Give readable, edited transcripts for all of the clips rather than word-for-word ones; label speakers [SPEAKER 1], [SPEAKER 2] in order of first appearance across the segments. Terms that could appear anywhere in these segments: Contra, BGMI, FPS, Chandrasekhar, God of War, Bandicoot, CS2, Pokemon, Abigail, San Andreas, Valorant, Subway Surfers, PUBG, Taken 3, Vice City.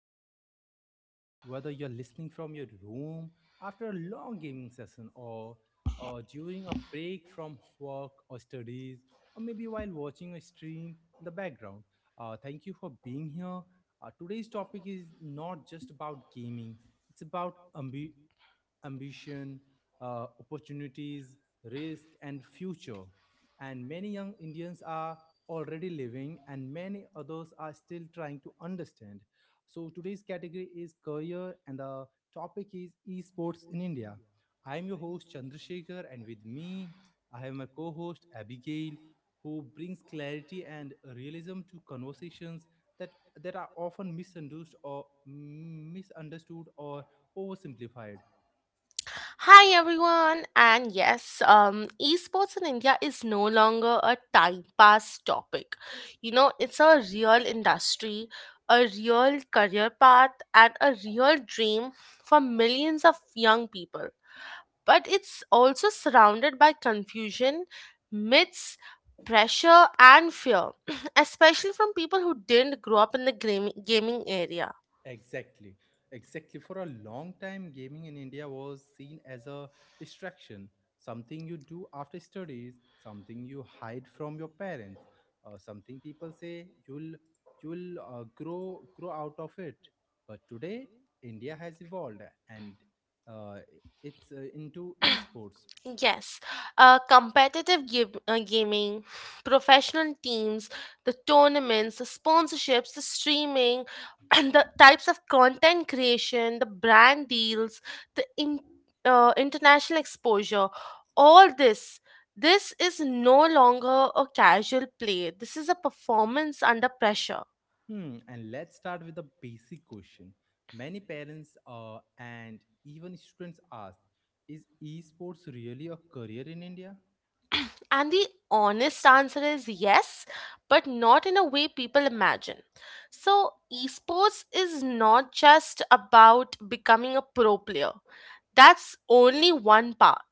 [SPEAKER 1] to another episode. Whether you're listening from your room after a long gaming session, or during a break from work or studies, or maybe while watching a stream in the background, thank you for being here. Today's topic is not just about gaming, it's about ambition, opportunities, risk, and future. And many young Indians are already living, and many others are still trying to understand. So, today's category is career, and the topic is esports in India. I am your host Chandrasekhar, and with me, I have my co host Abigail, who brings clarity and realism to conversations that, that are often misunderstood or oversimplified.
[SPEAKER 2] Hi everyone, and yes, esports in India is no longer a time pass topic. You know, it's a real industry, a real career path, and a real dream for millions of young people. But it's also surrounded by confusion, myths, pressure, and fear, especially from people who didn't grow up in the gaming area.
[SPEAKER 1] Exactly. Exactly. For a long time, gaming in India was seen as a distraction, something you do after studies, something you hide from your parents, something people say you'll grow out of it. But today, India has evolved and uh, it's into esports.
[SPEAKER 2] Yes, gaming, professional teams, the tournaments, the sponsorships, the streaming, and the types of content creation, the brand deals, the in- international exposure, all this. This is no longer a casual play. This is a performance under pressure.
[SPEAKER 1] And let's start with the basic question. Many parents and even students ask, is esports really a career in India?
[SPEAKER 2] And the honest answer is yes, but not in a way people imagine. So, esports is not just about becoming a pro player, that's only one path.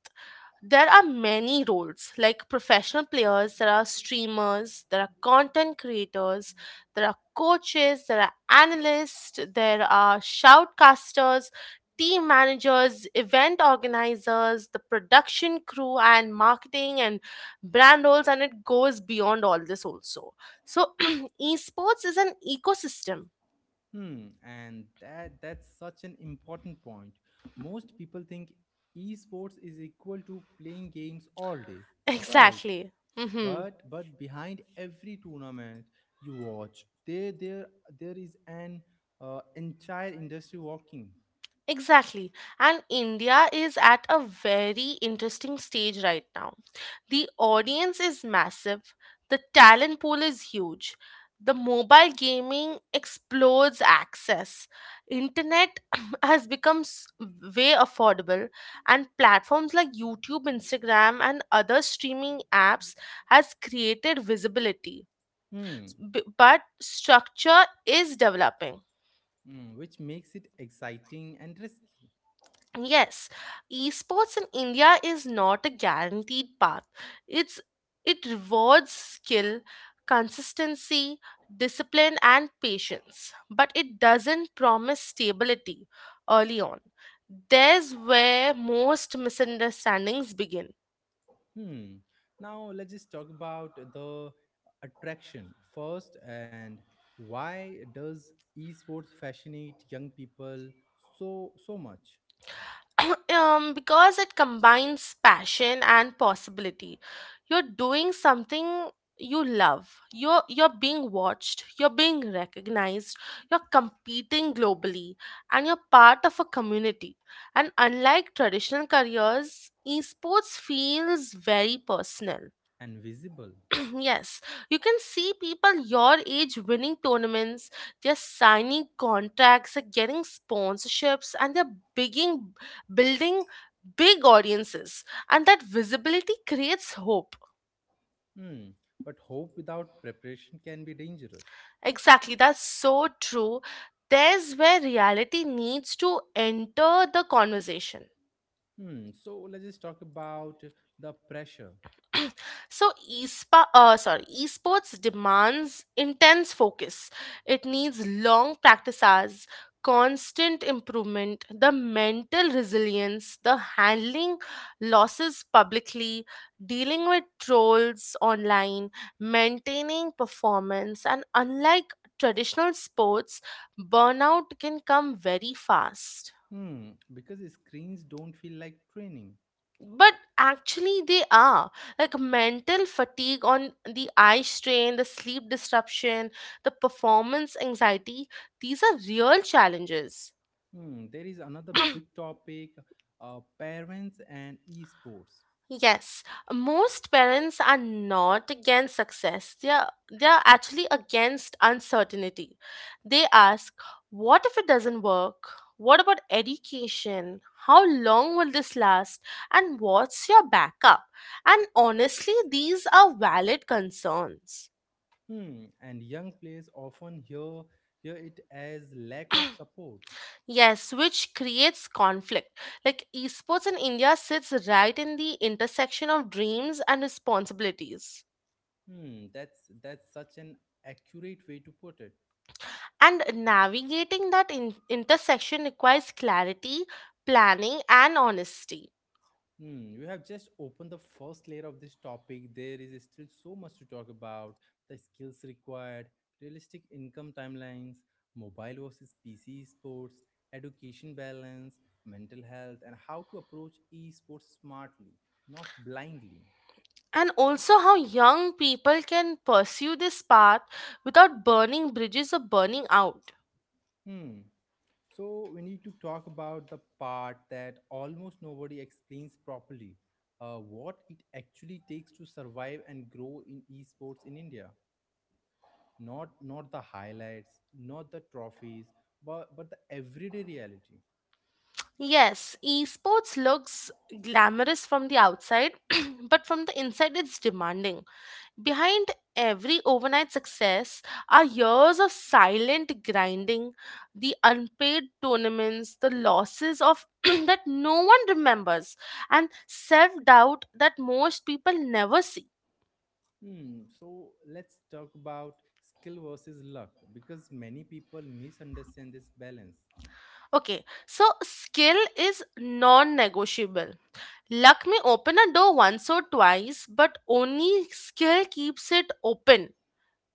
[SPEAKER 2] There are many roles like professional players, there are streamers, there are content creators, there are coaches, there are analysts, there are shoutcasters, team managers, event organizers, the production crew, and marketing and brand roles, and it goes beyond all this also. So, esports is an ecosystem.
[SPEAKER 1] And that's such an important point. Most people think esports is equal to playing games all day. Right.
[SPEAKER 2] Exactly. Hmm.
[SPEAKER 1] But behind every tournament you watch, there is an entire industry working.
[SPEAKER 2] Exactly. And India is at a very interesting stage right now. The audience is massive, the talent pool is huge. The mobile gaming explodes access. Internet has become way affordable, and platforms like YouTube, Instagram and other streaming apps has created visibility.
[SPEAKER 1] Hmm.
[SPEAKER 2] But structure is developing.
[SPEAKER 1] Which makes it exciting and risky.
[SPEAKER 2] Yes, esports in India is not a guaranteed path. It's it rewards skill, consistency, discipline and patience, but it doesn't promise stability early on. There's where most misunderstandings begin.
[SPEAKER 1] Hmm. Now let's just talk about the attraction first and why does esports fascinate young people so much
[SPEAKER 2] Because it combines passion and possibility. You're doing something you love. You're being watched. You're being recognized. You're competing globally, and you're part of a community. And unlike traditional careers, esports feels very personal.
[SPEAKER 1] and visible?
[SPEAKER 2] Yes, you can see people your age winning tournaments, they're signing contracts, they're getting sponsorships, and building big audiences. And that visibility creates hope.
[SPEAKER 1] Hmm. But hope without preparation can be dangerous.
[SPEAKER 2] Exactly, that's so true. There's where reality needs to enter the conversation.
[SPEAKER 1] Hmm. So let's just talk about the pressure.
[SPEAKER 2] So esports demands intense focus. It needs long practice hours, constant improvement, the mental resilience, the handling losses publicly, dealing with trolls online, maintaining performance, and unlike traditional sports, burnout can come very fast.
[SPEAKER 1] Hmm. Because screens don't feel like training.
[SPEAKER 2] But actually they are, like, mental fatigue on the eye strain, the sleep disruption, the performance anxiety, these are real challenges.
[SPEAKER 1] Hmm. There is another big topic, parents and esports.
[SPEAKER 2] Yes, most parents are not against success, they are actually against uncertainty. They ask, what if it doesn't work, what about education, how long will this last, and what's your backup? And honestly these are valid concerns.
[SPEAKER 1] And young players often hear it as lack of support.
[SPEAKER 2] Yes, which creates conflict. Like esports in India sits right in the intersection of dreams and responsibilities.
[SPEAKER 1] That's such an accurate way to put it.
[SPEAKER 2] And navigating that intersection requires clarity, planning, and honesty.
[SPEAKER 1] You have just opened the first layer of this topic. There is still so much to talk about: the skills required, realistic income timelines, mobile versus PC sports, education balance, mental health, and how to approach esports smartly, not blindly.
[SPEAKER 2] And also, how young people can pursue this path without burning bridges or burning out.
[SPEAKER 1] Hmm. So we need to talk about the part that almost nobody explains properly, what it actually takes to survive and grow in esports in India. Not the highlights, not the trophies, but the everyday reality.
[SPEAKER 2] Yes, esports looks glamorous from the outside, but from the inside, it's demanding. Behind every overnight success are years of silent grinding, the unpaid tournaments, the losses of that no one remembers, and self doubt that most people never see.
[SPEAKER 1] Hmm. So let's talk about skill versus luck because many people misunderstand this balance.
[SPEAKER 2] Okay, so skill is non negotiable. Luck may open a door once or twice, but only skill keeps it open.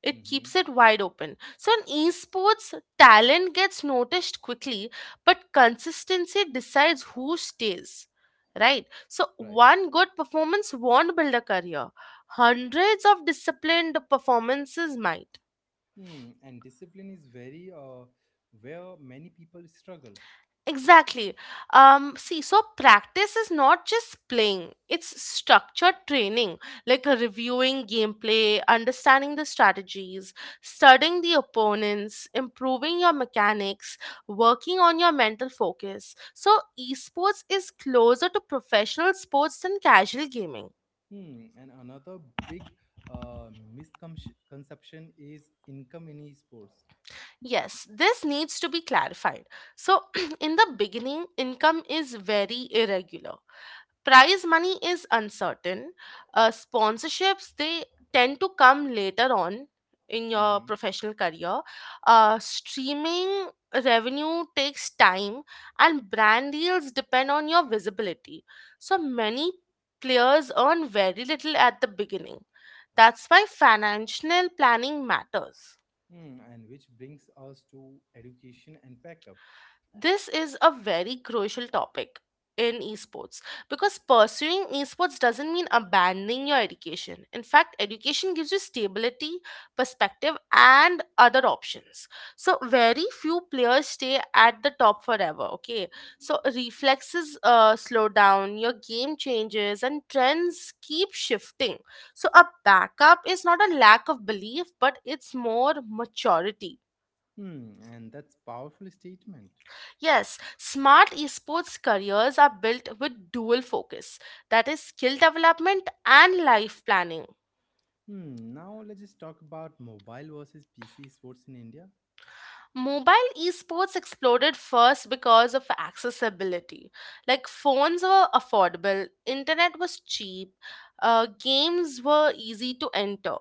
[SPEAKER 2] It keeps
[SPEAKER 1] Mm-hmm.
[SPEAKER 2] it wide open. So in esports, talent gets noticed quickly, but consistency decides who stays. Right? So
[SPEAKER 1] Right.
[SPEAKER 2] one good performance won't build a career. Hundreds of disciplined performances might.
[SPEAKER 1] Hmm. And discipline is very where many people struggle.
[SPEAKER 2] Exactly. See, so practice is not just playing, it's structured training, like reviewing gameplay, understanding the strategies, studying the opponents, improving your mechanics, working on your mental focus. So, esports is closer to professional sports than casual gaming.
[SPEAKER 1] Hmm. And another big uh, misconception is income in esports.
[SPEAKER 2] Yes, this needs to be clarified. So, in the beginning, income is very irregular. Prize money is uncertain. Sponsorships, they tend to come later on in your
[SPEAKER 1] Mm-hmm.
[SPEAKER 2] professional career. Streaming revenue takes time, and brand deals depend on your visibility. So many players earn very little at the beginning. That's why financial planning matters.
[SPEAKER 1] Hmm. And which brings us to education and backup.
[SPEAKER 2] This is a very crucial topic in esports because pursuing esports doesn't mean abandoning your education. In fact, education gives you stability, perspective, and other options. So, very few players stay at the top forever, okay? So, reflexes slow down, your game changes, and trends keep shifting. So, a backup is not a lack of belief, but it's more maturity.
[SPEAKER 1] Hmm. And that's powerful statement.
[SPEAKER 2] Yes, smart esports careers are built with dual focus, that is, skill development and life planning.
[SPEAKER 1] Hmm. Now let's just talk about mobile versus PC sports in India.
[SPEAKER 2] Mobile esports exploded first because of accessibility. Like phones were affordable, internet was cheap, games were easy to enter.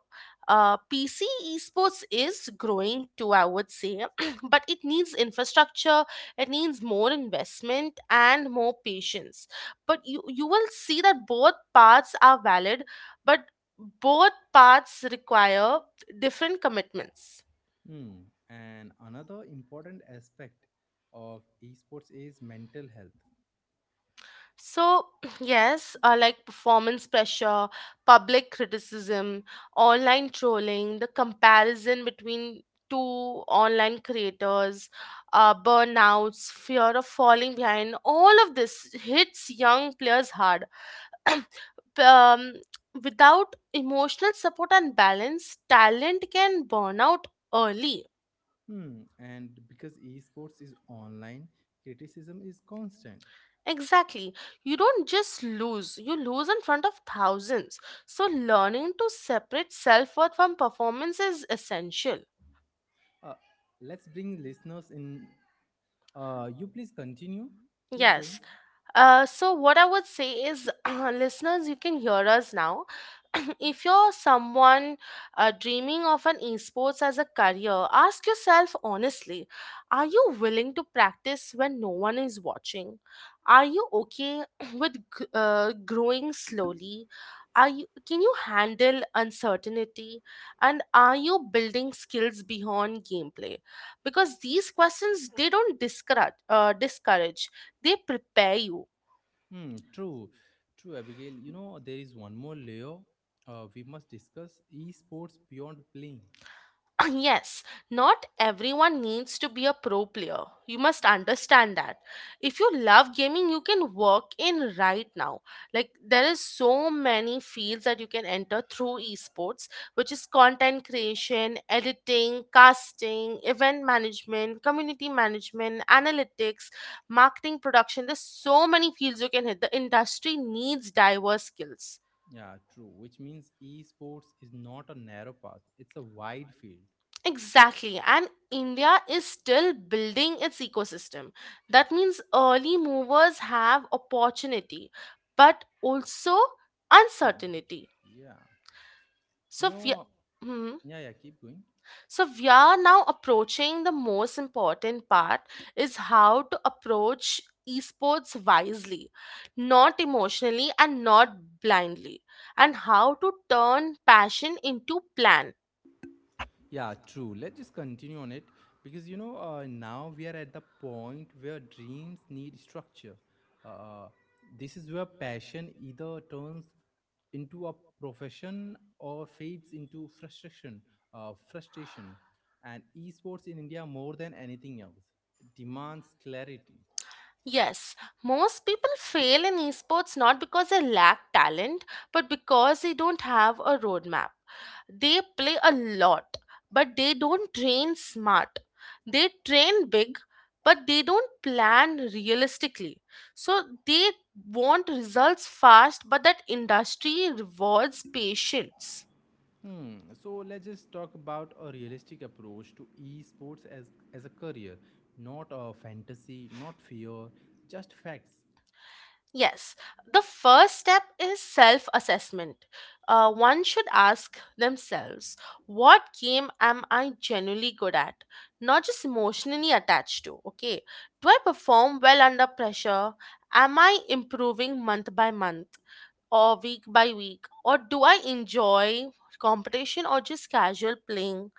[SPEAKER 2] PC esports is growing too, I would say, but it needs infrastructure, it needs more investment and more patience. But you will see that both paths are valid, but both paths require different commitments.
[SPEAKER 1] Hmm. And another important aspect of esports is mental health.
[SPEAKER 2] So, yes, like performance pressure, public criticism, online trolling, the comparison between two online creators, burnouts, fear of falling behind, all of this hits young players hard. P- um, Without emotional support and balance, talent can burn out early.
[SPEAKER 1] Hmm. And because esports is online, criticism is constant.
[SPEAKER 2] Exactly. You don't just lose, you lose in front of thousands. So, learning to separate self worth from performance is essential.
[SPEAKER 1] Uh, let's bring listeners in. You please continue. Keep going.
[SPEAKER 2] Yes. So what I would say is, listeners, you can hear us now. If you're someone dreaming of an esports as a career, ask yourself honestly: Are you willing to practice when no one is watching? Are you okay with growing slowly? Are you Can you handle uncertainty? And are you building skills beyond gameplay? Because these questions, they don't discourage, discourage, they prepare you.
[SPEAKER 1] Hmm. True. True, Abigail. You know there is one more layer. We must discuss esports beyond playing.
[SPEAKER 2] Yes, not everyone needs to be a pro player. You must understand that. If you love gaming, you can work in right now. Like there is so many fields that you can enter through esports, which is content creation, editing, casting, event management, community management, analytics, marketing production. There's so many fields you can hit. The industry needs diverse skills.
[SPEAKER 1] Yeah, true. Which means esports is not a narrow path. It's a wide field.
[SPEAKER 2] Exactly. And India is still building its ecosystem. That means early movers have opportunity, but also
[SPEAKER 1] Uh,
[SPEAKER 2] uncertainty.
[SPEAKER 1] yeah. You
[SPEAKER 2] So we
[SPEAKER 1] know.
[SPEAKER 2] Hmm.
[SPEAKER 1] Yeah. Yeah. Keep going.
[SPEAKER 2] So we are now approaching the most important part, is how to approach esports wisely, not emotionally and not blindly, and how to turn passion into plan.
[SPEAKER 1] Yeah, true. Let's just continue on it because now we are at the point where dreams need structure. Uh, this is where passion either turns into a profession or fades into frustration. And esports in India more than anything else demands clarity.
[SPEAKER 2] Yes, most people fail in esports not because they lack talent, but because they don't have a roadmap. They play a lot, but they don't train smart. They train big, but they don't plan realistically. So they want results fast, but that industry rewards patience.
[SPEAKER 1] Hmm, So let's just talk about a realistic approach to esports as a career, not a fantasy, not fear, just facts.
[SPEAKER 2] Yes, the first step is self assessment. One should ask themselves, what game am I genuinely good at? Not just emotionally attached to, okay? Do I perform well under pressure? Am I improving month by month or week by week? Or do I enjoy competition or just casual playing?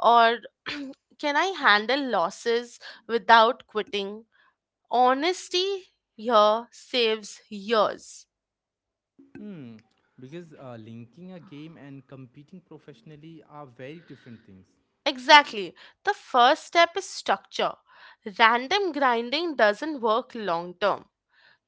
[SPEAKER 2] Or can I handle losses without quitting? Honesty here saves years.
[SPEAKER 1] Hmm, because linking a game and competing professionally are very different things.
[SPEAKER 2] Exactly. The first step is structure. Random grinding doesn't work long term.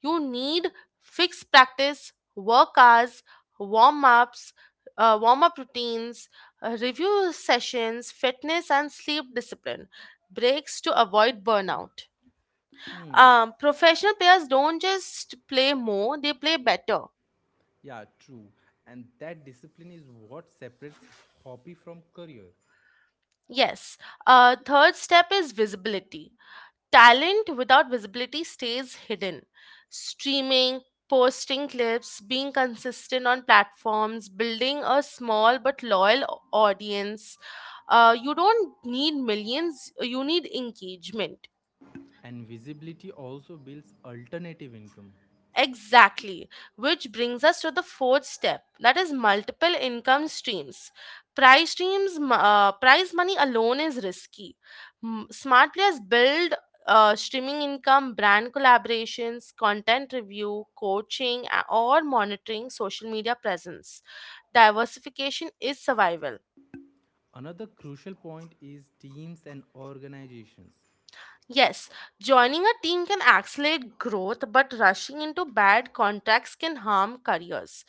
[SPEAKER 2] You need fixed practice, work hours, warm ups, warm up routines, review sessions, fitness and sleep discipline, breaks to avoid burnout. Professional players don't just play more, they play better.
[SPEAKER 1] Yeah, true. And that discipline is what separates hobby from career.
[SPEAKER 2] Yes. Third step is visibility. Talent without visibility stays hidden. Streaming, posting clips, being consistent on platforms, building a small but loyal audience. You don't need millions, you need engagement.
[SPEAKER 1] And visibility also builds alternative income.
[SPEAKER 2] Exactly, which brings us to the fourth step, that is multiple income streams. Prize money alone is risky. Smart players build streaming income, brand collaborations, content review, coaching, or monitoring social media presence. Diversification is survival.
[SPEAKER 1] Another crucial point is teams and organizations.
[SPEAKER 2] Yes, joining a team can accelerate growth, but rushing into bad contracts can harm careers.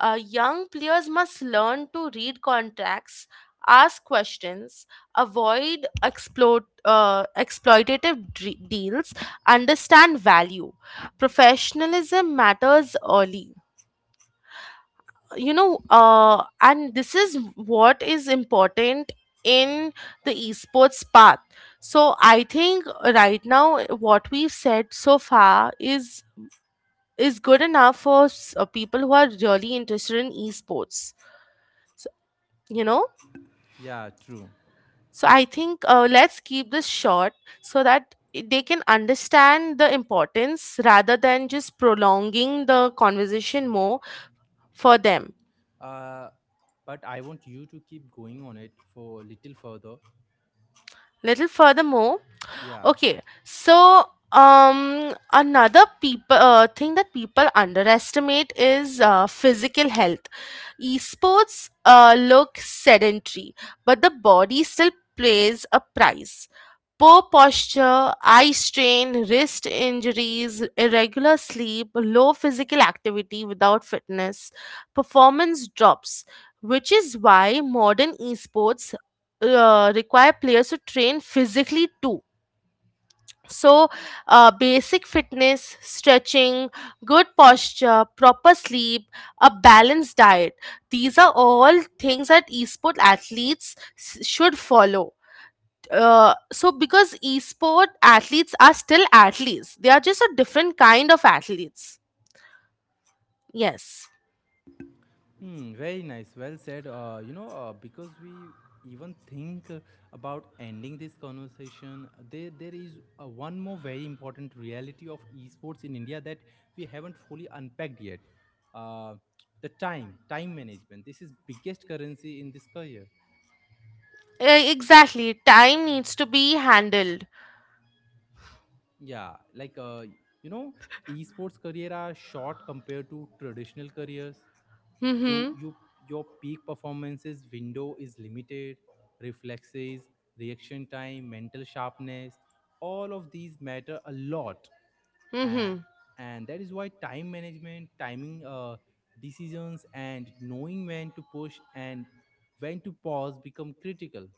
[SPEAKER 2] Young players must learn to read contracts, ask questions, exploitative deals, understand value. Professionalism matters early. You know, and this is what is important in the esports path. So I think right now, what we've said so far is good enough for people who are really interested in esports. So, you know,
[SPEAKER 1] Yeah, true.
[SPEAKER 2] so I think, let's keep this short so that they can understand the importance rather than just prolonging the conversation more for them.
[SPEAKER 1] Uh, but I want you to keep going on it for a little further.
[SPEAKER 2] Little furthermore.
[SPEAKER 1] Yeah.
[SPEAKER 2] Okay, so another people thing that people underestimate is physical health. Esports look sedentary, but the body still plays a price. Poor posture, eye strain, wrist injuries, irregular sleep, low physical activity without fitness, performance drops, which is why modern esports require players to train physically too. So, basic fitness, stretching, good posture, proper sleep, a balanced diet. These are all things that esport athletes should follow. So, because esport athletes are still athletes, they are just a different kind of athletes. Yes.
[SPEAKER 1] Very nice. Well said. Because we even think about ending this conversation, there is one more very important reality of esports in India that we haven't fully unpacked yet. Uh, the time management. This is biggest currency in this career.
[SPEAKER 2] Exactly. Time needs to be handled.
[SPEAKER 1] Yeah, like you know, esports career are short compared to traditional careers. you
[SPEAKER 2] Mm
[SPEAKER 1] you your peak performances window is limited. Reflexes, reaction time, mental sharpness, all of these matter a lot.
[SPEAKER 2] hmm.
[SPEAKER 1] and,
[SPEAKER 2] Mm
[SPEAKER 1] and that is why time management, timing decisions, and knowing when to push and when to pause become critical.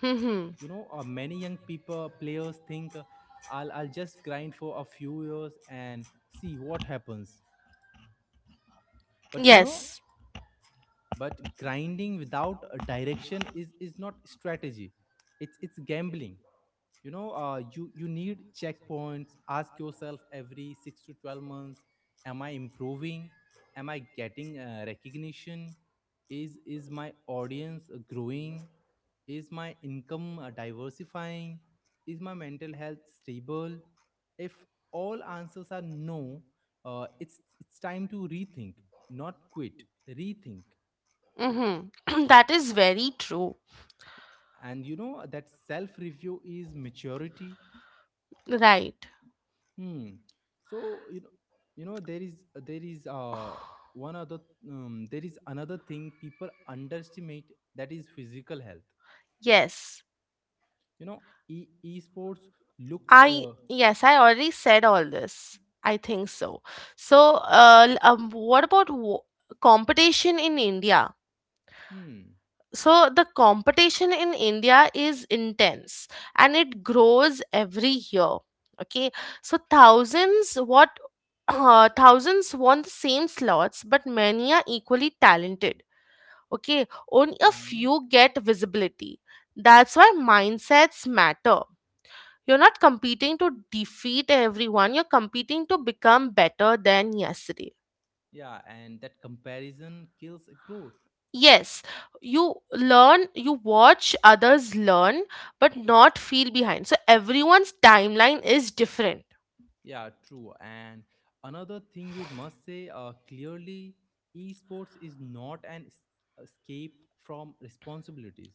[SPEAKER 2] hmm. Mm hmm.
[SPEAKER 1] Many young people players think, I'll just grind for a few years and see what happens. but you know
[SPEAKER 2] Yes.
[SPEAKER 1] but grinding without a direction is not strategy, it's gambling. You need checkpoints. Ask yourself every 6 to 12 months: Am I improving? Am I getting recognition? Is my audience growing? Is my income diversifying? Is my mental health stable? If all answers are no, it's time to rethink. Not quit. Rethink.
[SPEAKER 2] Mm hmm. That is very true.
[SPEAKER 1] And you know that self review is maturity.
[SPEAKER 2] Right.
[SPEAKER 1] Hmm. So you know there is there is uh one other there is another thing people underestimate, that is physical health.
[SPEAKER 2] Yes.
[SPEAKER 1] You know e- esports looks
[SPEAKER 2] I already said all this, I think. So. So, what about competition in India?
[SPEAKER 1] hmm.
[SPEAKER 2] So the competition in India is intense and it grows every year. Okay, so thousands what thousands want the same slots, but many are equally talented. Okay, only a
[SPEAKER 1] Mhm.
[SPEAKER 2] few get visibility. That's why mindsets matter. You're not competing to defeat everyone, you're competing to become better than yesterday.
[SPEAKER 1] Yeah, and that comparison kills growth.
[SPEAKER 2] Yes, you learn, you watch others learn, but not feel behind. So everyone's timeline is different.
[SPEAKER 1] Yeah, true. And another thing we must say clearly, esports is not an escape from responsibilities.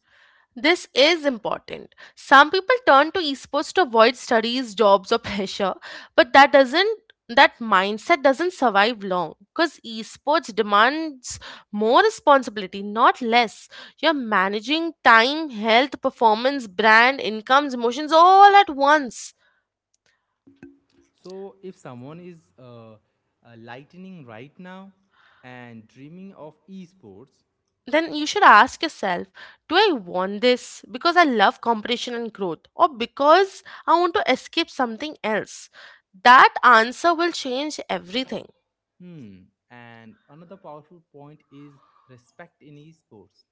[SPEAKER 2] This is important. Some people turn to esports to avoid studies, jobs, or pressure, but that mindset doesn't survive long because esports demands more responsibility, not less. You're managing time, health, performance, brand, incomes, emotions all at once.
[SPEAKER 1] So, if someone is lightning right now and dreaming of esports,
[SPEAKER 2] Then you should ask yourself, do I want this because I love competition and growth, or because I want to escape something else? That answer will change everything.
[SPEAKER 1] hmm, and another powerful point is respect in esports.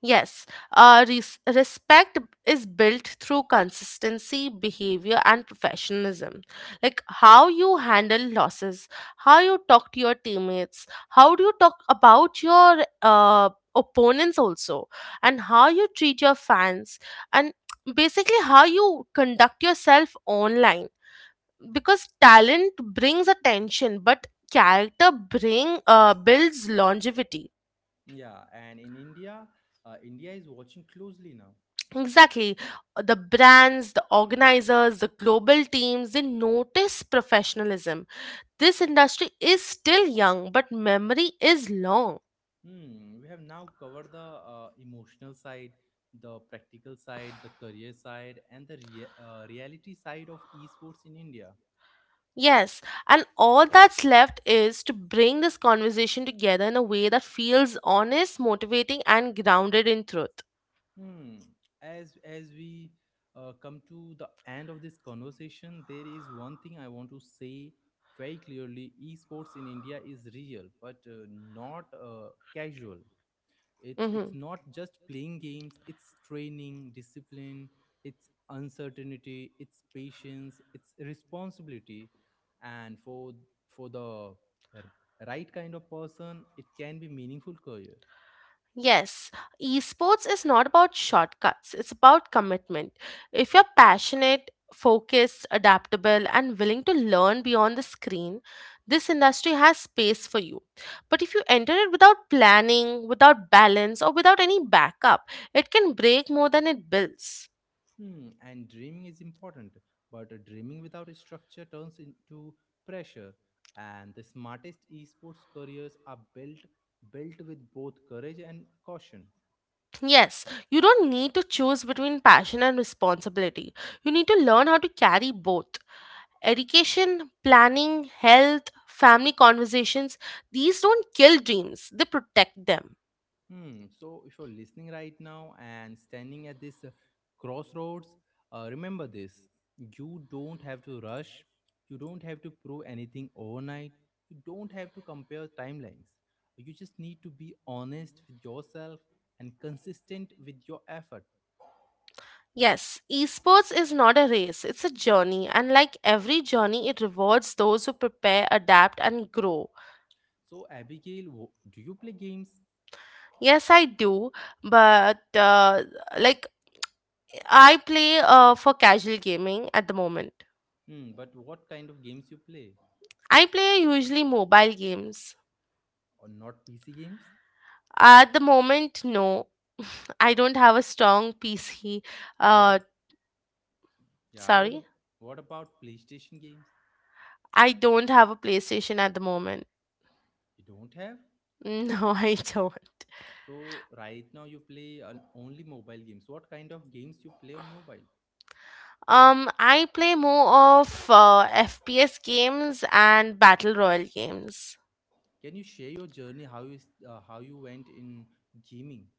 [SPEAKER 2] Yes, respect is built through consistency, behavior, and professionalism. Like how you handle losses, how you talk to your teammates, how do you talk about your opponents also, and how you treat your fans, and basically how you conduct yourself online. Because talent brings attention, but character bring builds longevity.
[SPEAKER 1] Yeah, and in India, India is watching closely now.
[SPEAKER 2] Exactly. The brands, the organizers, the global teams, they notice professionalism. This industry is still young, but memory is long.
[SPEAKER 1] We have now covered the emotional side, the practical side, the career side, and the reality side of esports in India.
[SPEAKER 2] Yes, and all that's left is to bring this conversation together in a way that feels honest, motivating, and grounded in truth.
[SPEAKER 1] Hmm. As we come to the end of this conversation, there is one thing I want to say very clearly: esports in India is real, but not casual. It's
[SPEAKER 2] Hmm.
[SPEAKER 1] it's not just playing games. It's training, discipline, it's uncertainty, it's patience, it's responsibility, and for the r- right kind of person, it can be meaningful career.
[SPEAKER 2] Yes, esports is not about shortcuts, it's about commitment. If you're passionate, focused, adaptable, and willing to learn beyond the screen, this industry has space for you. But if you enter it without planning, without balance, or without any backup, it can break more than it builds.
[SPEAKER 1] And dreaming is important, but dreaming without a structure turns into pressure. And the smartest esports careers are built with both courage and caution.
[SPEAKER 2] Yes, you don't need to choose between passion and responsibility. You need to learn how to carry both. Education, planning, health, family conversations, these don't kill dreams, they protect them.
[SPEAKER 1] Hmm. So if you're listening right now and standing at this crossroads, remember this: you don't have to rush, you don't have to prove anything overnight, you don't have to compare timelines. You just need to be honest with yourself and consistent with your effort.
[SPEAKER 2] Yes, esports is not a race, it's a journey, and like every journey, it rewards those who prepare, adapt, and grow.
[SPEAKER 1] So, Abigail, do you play games?
[SPEAKER 2] Yes, I do, but like I play for casual gaming at the moment.
[SPEAKER 1] But what kind of games you play?
[SPEAKER 2] I play usually mobile games.
[SPEAKER 1] Or not PC games?
[SPEAKER 2] At the moment, no. I don't have a strong PC.
[SPEAKER 1] What?
[SPEAKER 2] Uh,
[SPEAKER 1] Yeah. What?
[SPEAKER 2] Sorry.
[SPEAKER 1] What about PlayStation games?
[SPEAKER 2] I don't have a PlayStation at the moment.
[SPEAKER 1] You don't have.
[SPEAKER 2] No, I don't.
[SPEAKER 1] So right now you play on only mobile games. What kind of games you play on mobile?
[SPEAKER 2] I play more of FPS games and battle royale games.
[SPEAKER 1] Can you share your journey? How you went in gaming?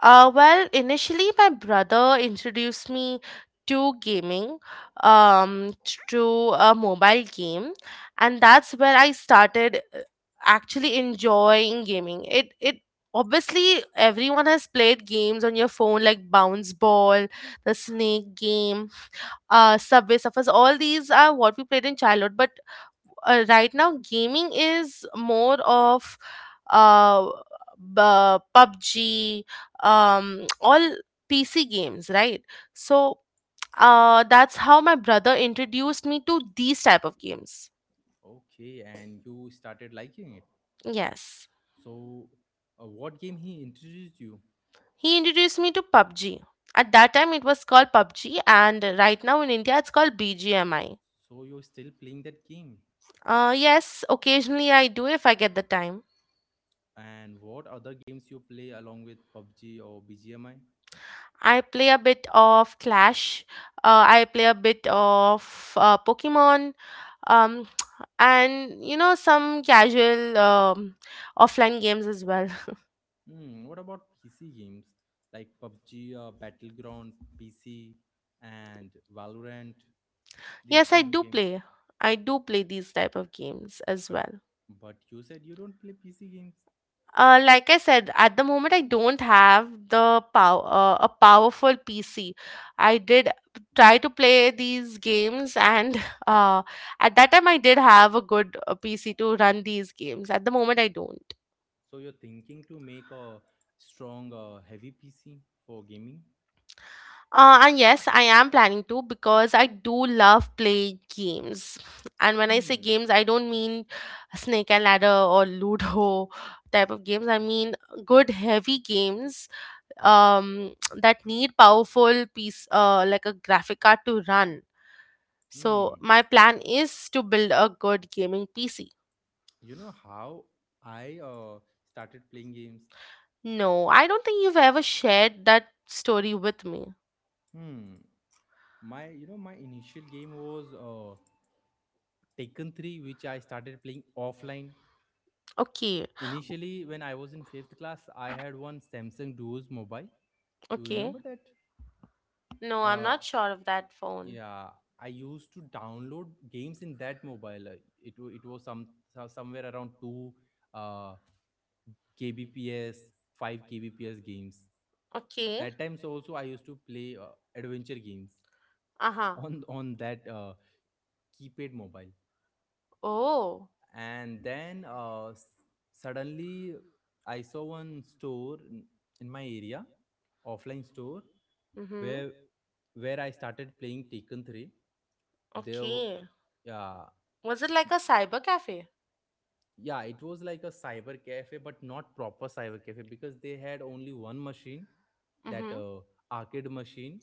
[SPEAKER 2] Well, initially, my brother introduced me to gaming, um, to a mobile game, and that's where I started actually enjoying gaming. It obviously, everyone has played games on your phone like bounce ball, the snake game, Subway Surfers. All these are what we played in childhood, but right now gaming is more of uh, PUBG, all PC games, right? So that's how my brother introduced me to these type of games.
[SPEAKER 1] Okay, and you started liking it.
[SPEAKER 2] Yes,
[SPEAKER 1] So, what game he introduced you?
[SPEAKER 2] he introduced me to PUBG. At that time it was called PUBG and right now in India it's called BGMI.
[SPEAKER 1] So you're still playing that game?
[SPEAKER 2] Yes, occasionally I do if I get the time.
[SPEAKER 1] And what other games you play along with PUBG or BGMI?
[SPEAKER 2] I play a bit of Clash, I play a bit of Pokemon, um and you know, some casual offline games as well.
[SPEAKER 1] What about PC games like PUBG, Battleground, PC, and Valorant? These
[SPEAKER 2] Yes, I
[SPEAKER 1] kind of
[SPEAKER 2] do
[SPEAKER 1] games.
[SPEAKER 2] play. I do play these type of games as
[SPEAKER 1] But
[SPEAKER 2] well.
[SPEAKER 1] but you said you don't play PC games,
[SPEAKER 2] Like I said, at the moment I don't have the a powerful PC. I did try to play these games, and uh, at that time I did have a good PC to run these games. At the moment I don't.
[SPEAKER 1] so you're thinking to make a strong, heavy PC for gaming.
[SPEAKER 2] And yes, I am planning to because I do love playing games. And when I say
[SPEAKER 1] Hmm.
[SPEAKER 2] games, I don't mean Snake and Ladder or Ludo type of games. I mean good heavy games, that need powerful piece, like a graphic card to run. So
[SPEAKER 1] Hmm.
[SPEAKER 2] my plan is to build a good gaming PC.
[SPEAKER 1] You know how I started playing games.
[SPEAKER 2] No, I don't think you've ever shared that story with me.
[SPEAKER 1] Hmm. My you know my initial game was Taken 3, which I started playing offline.
[SPEAKER 2] Okay,
[SPEAKER 1] Initially, when I was in fifth class, I had one Samsung Duos mobile. You
[SPEAKER 2] okay.
[SPEAKER 1] remember that?
[SPEAKER 2] No, I'm
[SPEAKER 1] Uh,
[SPEAKER 2] not sure of that phone.
[SPEAKER 1] yeah, I used to download games in that mobile. It it was some somewhere around two uh, kbps, five kbps games.
[SPEAKER 2] Okay.
[SPEAKER 1] That times also I used to play adventure games
[SPEAKER 2] Uh-huh.
[SPEAKER 1] on that keypad mobile.
[SPEAKER 2] Oh.
[SPEAKER 1] And then suddenly I saw one store in my area, offline store,
[SPEAKER 2] Mm-hmm.
[SPEAKER 1] where where I started playing Taken 3. there w-
[SPEAKER 2] Okay.
[SPEAKER 1] yeah,
[SPEAKER 2] Was it like a cyber cafe?
[SPEAKER 1] yeah, it was like a cyber cafe but not proper cyber cafe because they had only one machine, that
[SPEAKER 2] Mm-hmm.
[SPEAKER 1] arcade machine,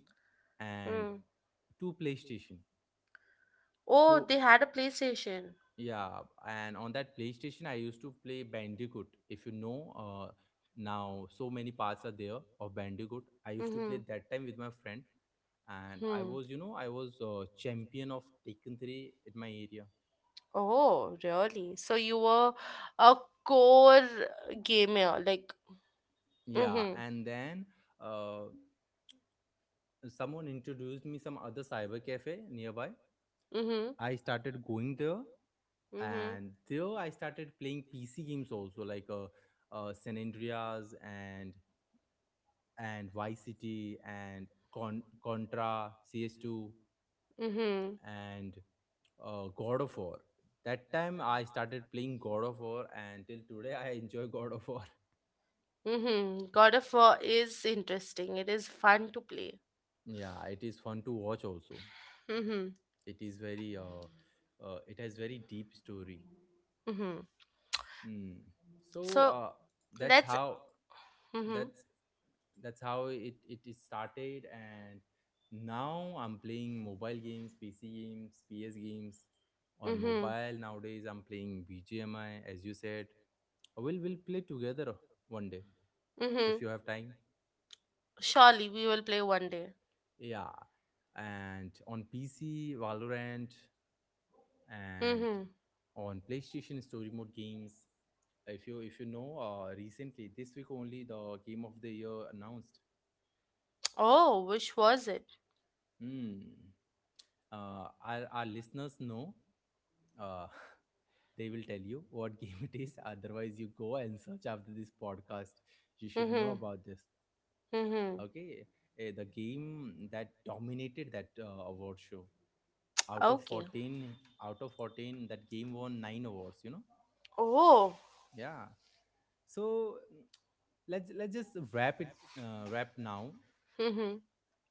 [SPEAKER 1] and
[SPEAKER 2] Mm.
[SPEAKER 1] two playstation.
[SPEAKER 2] Oh,
[SPEAKER 1] so
[SPEAKER 2] they had a PlayStation.
[SPEAKER 1] Yeah, and on that PlayStation, I used to play Bandicoot. If you know, now so many parts are there of Bandicoot. I used to play
[SPEAKER 2] Mm-hmm.
[SPEAKER 1] that time with my friend, and I
[SPEAKER 2] Hmm.
[SPEAKER 1] was, you know, I was uh, champion of Taken 3 in my area.
[SPEAKER 2] Oh, really? So you were a core gamer, like,
[SPEAKER 1] Yeah,
[SPEAKER 2] mm-hmm.
[SPEAKER 1] and then uh, someone introduced me some other cyber cafe nearby.
[SPEAKER 2] Mm-hmm.
[SPEAKER 1] I started going there,
[SPEAKER 2] Mm-hmm.
[SPEAKER 1] and there I started playing PC games also, like San Andreas and Vice City and Contra, CS2,
[SPEAKER 2] Mm-hmm.
[SPEAKER 1] and God of War. That time I started playing God of War, and till today I enjoy God of War.
[SPEAKER 2] Mm-hmm. God of War is interesting. It is fun to play.
[SPEAKER 1] Yeah, it is fun to watch also.
[SPEAKER 2] Mm-hmm.
[SPEAKER 1] It has very deep story.
[SPEAKER 2] Mm-hmm.
[SPEAKER 1] Hmm. So
[SPEAKER 2] So
[SPEAKER 1] uh, that's
[SPEAKER 2] let's.
[SPEAKER 1] how.
[SPEAKER 2] Mhm.
[SPEAKER 1] that's that's how it is started. And now I'm playing mobile games, PC games, PS games. On
[SPEAKER 2] Mhm.
[SPEAKER 1] mobile nowadays I'm playing BGMI, as you said, we'll play together one day if
[SPEAKER 2] Mhm.
[SPEAKER 1] you have time.
[SPEAKER 2] Surely we will play one day.
[SPEAKER 1] Yeah. And on PC, Valorant, and
[SPEAKER 2] Mhm.
[SPEAKER 1] on playstation, story mode games. If you know, recently this week only, the game of the year announced.
[SPEAKER 2] Oh, which was it?
[SPEAKER 1] Hmm uh, our, our listeners know, uh, they will tell you what game it is. Otherwise, you go and search after this podcast. You should know
[SPEAKER 2] Mhm.
[SPEAKER 1] about this.
[SPEAKER 2] Mhm.
[SPEAKER 1] Okay, the game that dominated that award show, out of
[SPEAKER 2] Okay.
[SPEAKER 1] 14, out of 14, that game won 9 awards,
[SPEAKER 2] Oh.
[SPEAKER 1] Yeah. So, let's just wrap it. Wrap now.
[SPEAKER 2] Mhm.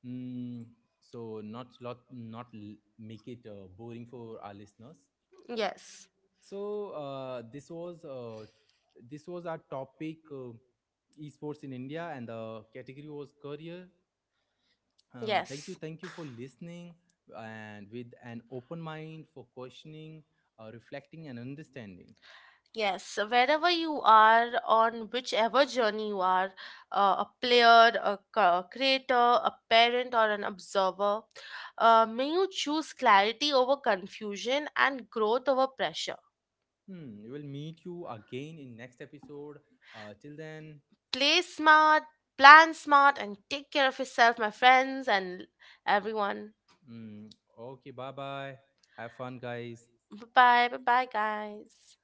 [SPEAKER 1] mm, so, not lot not l- make it boring for our listeners.
[SPEAKER 2] Yes.
[SPEAKER 1] So, this was our topic, esports in India, and the category was career. Thank you
[SPEAKER 2] Yes.
[SPEAKER 1] thank you for listening, and with an open mind for questioning, reflecting, and understanding.
[SPEAKER 2] Yes, so wherever you are, on whichever journey you are, a player, a, creator, a parent, or an observer, may you choose clarity over confusion and growth over pressure.
[SPEAKER 1] We will meet you again in next episode. Till then.
[SPEAKER 2] Play smart, plan smart, and take care of yourself, my friends, and everyone.
[SPEAKER 1] mm, okay, bye bye. Have fun, guys.
[SPEAKER 2] Bye bye, bye bye, guys.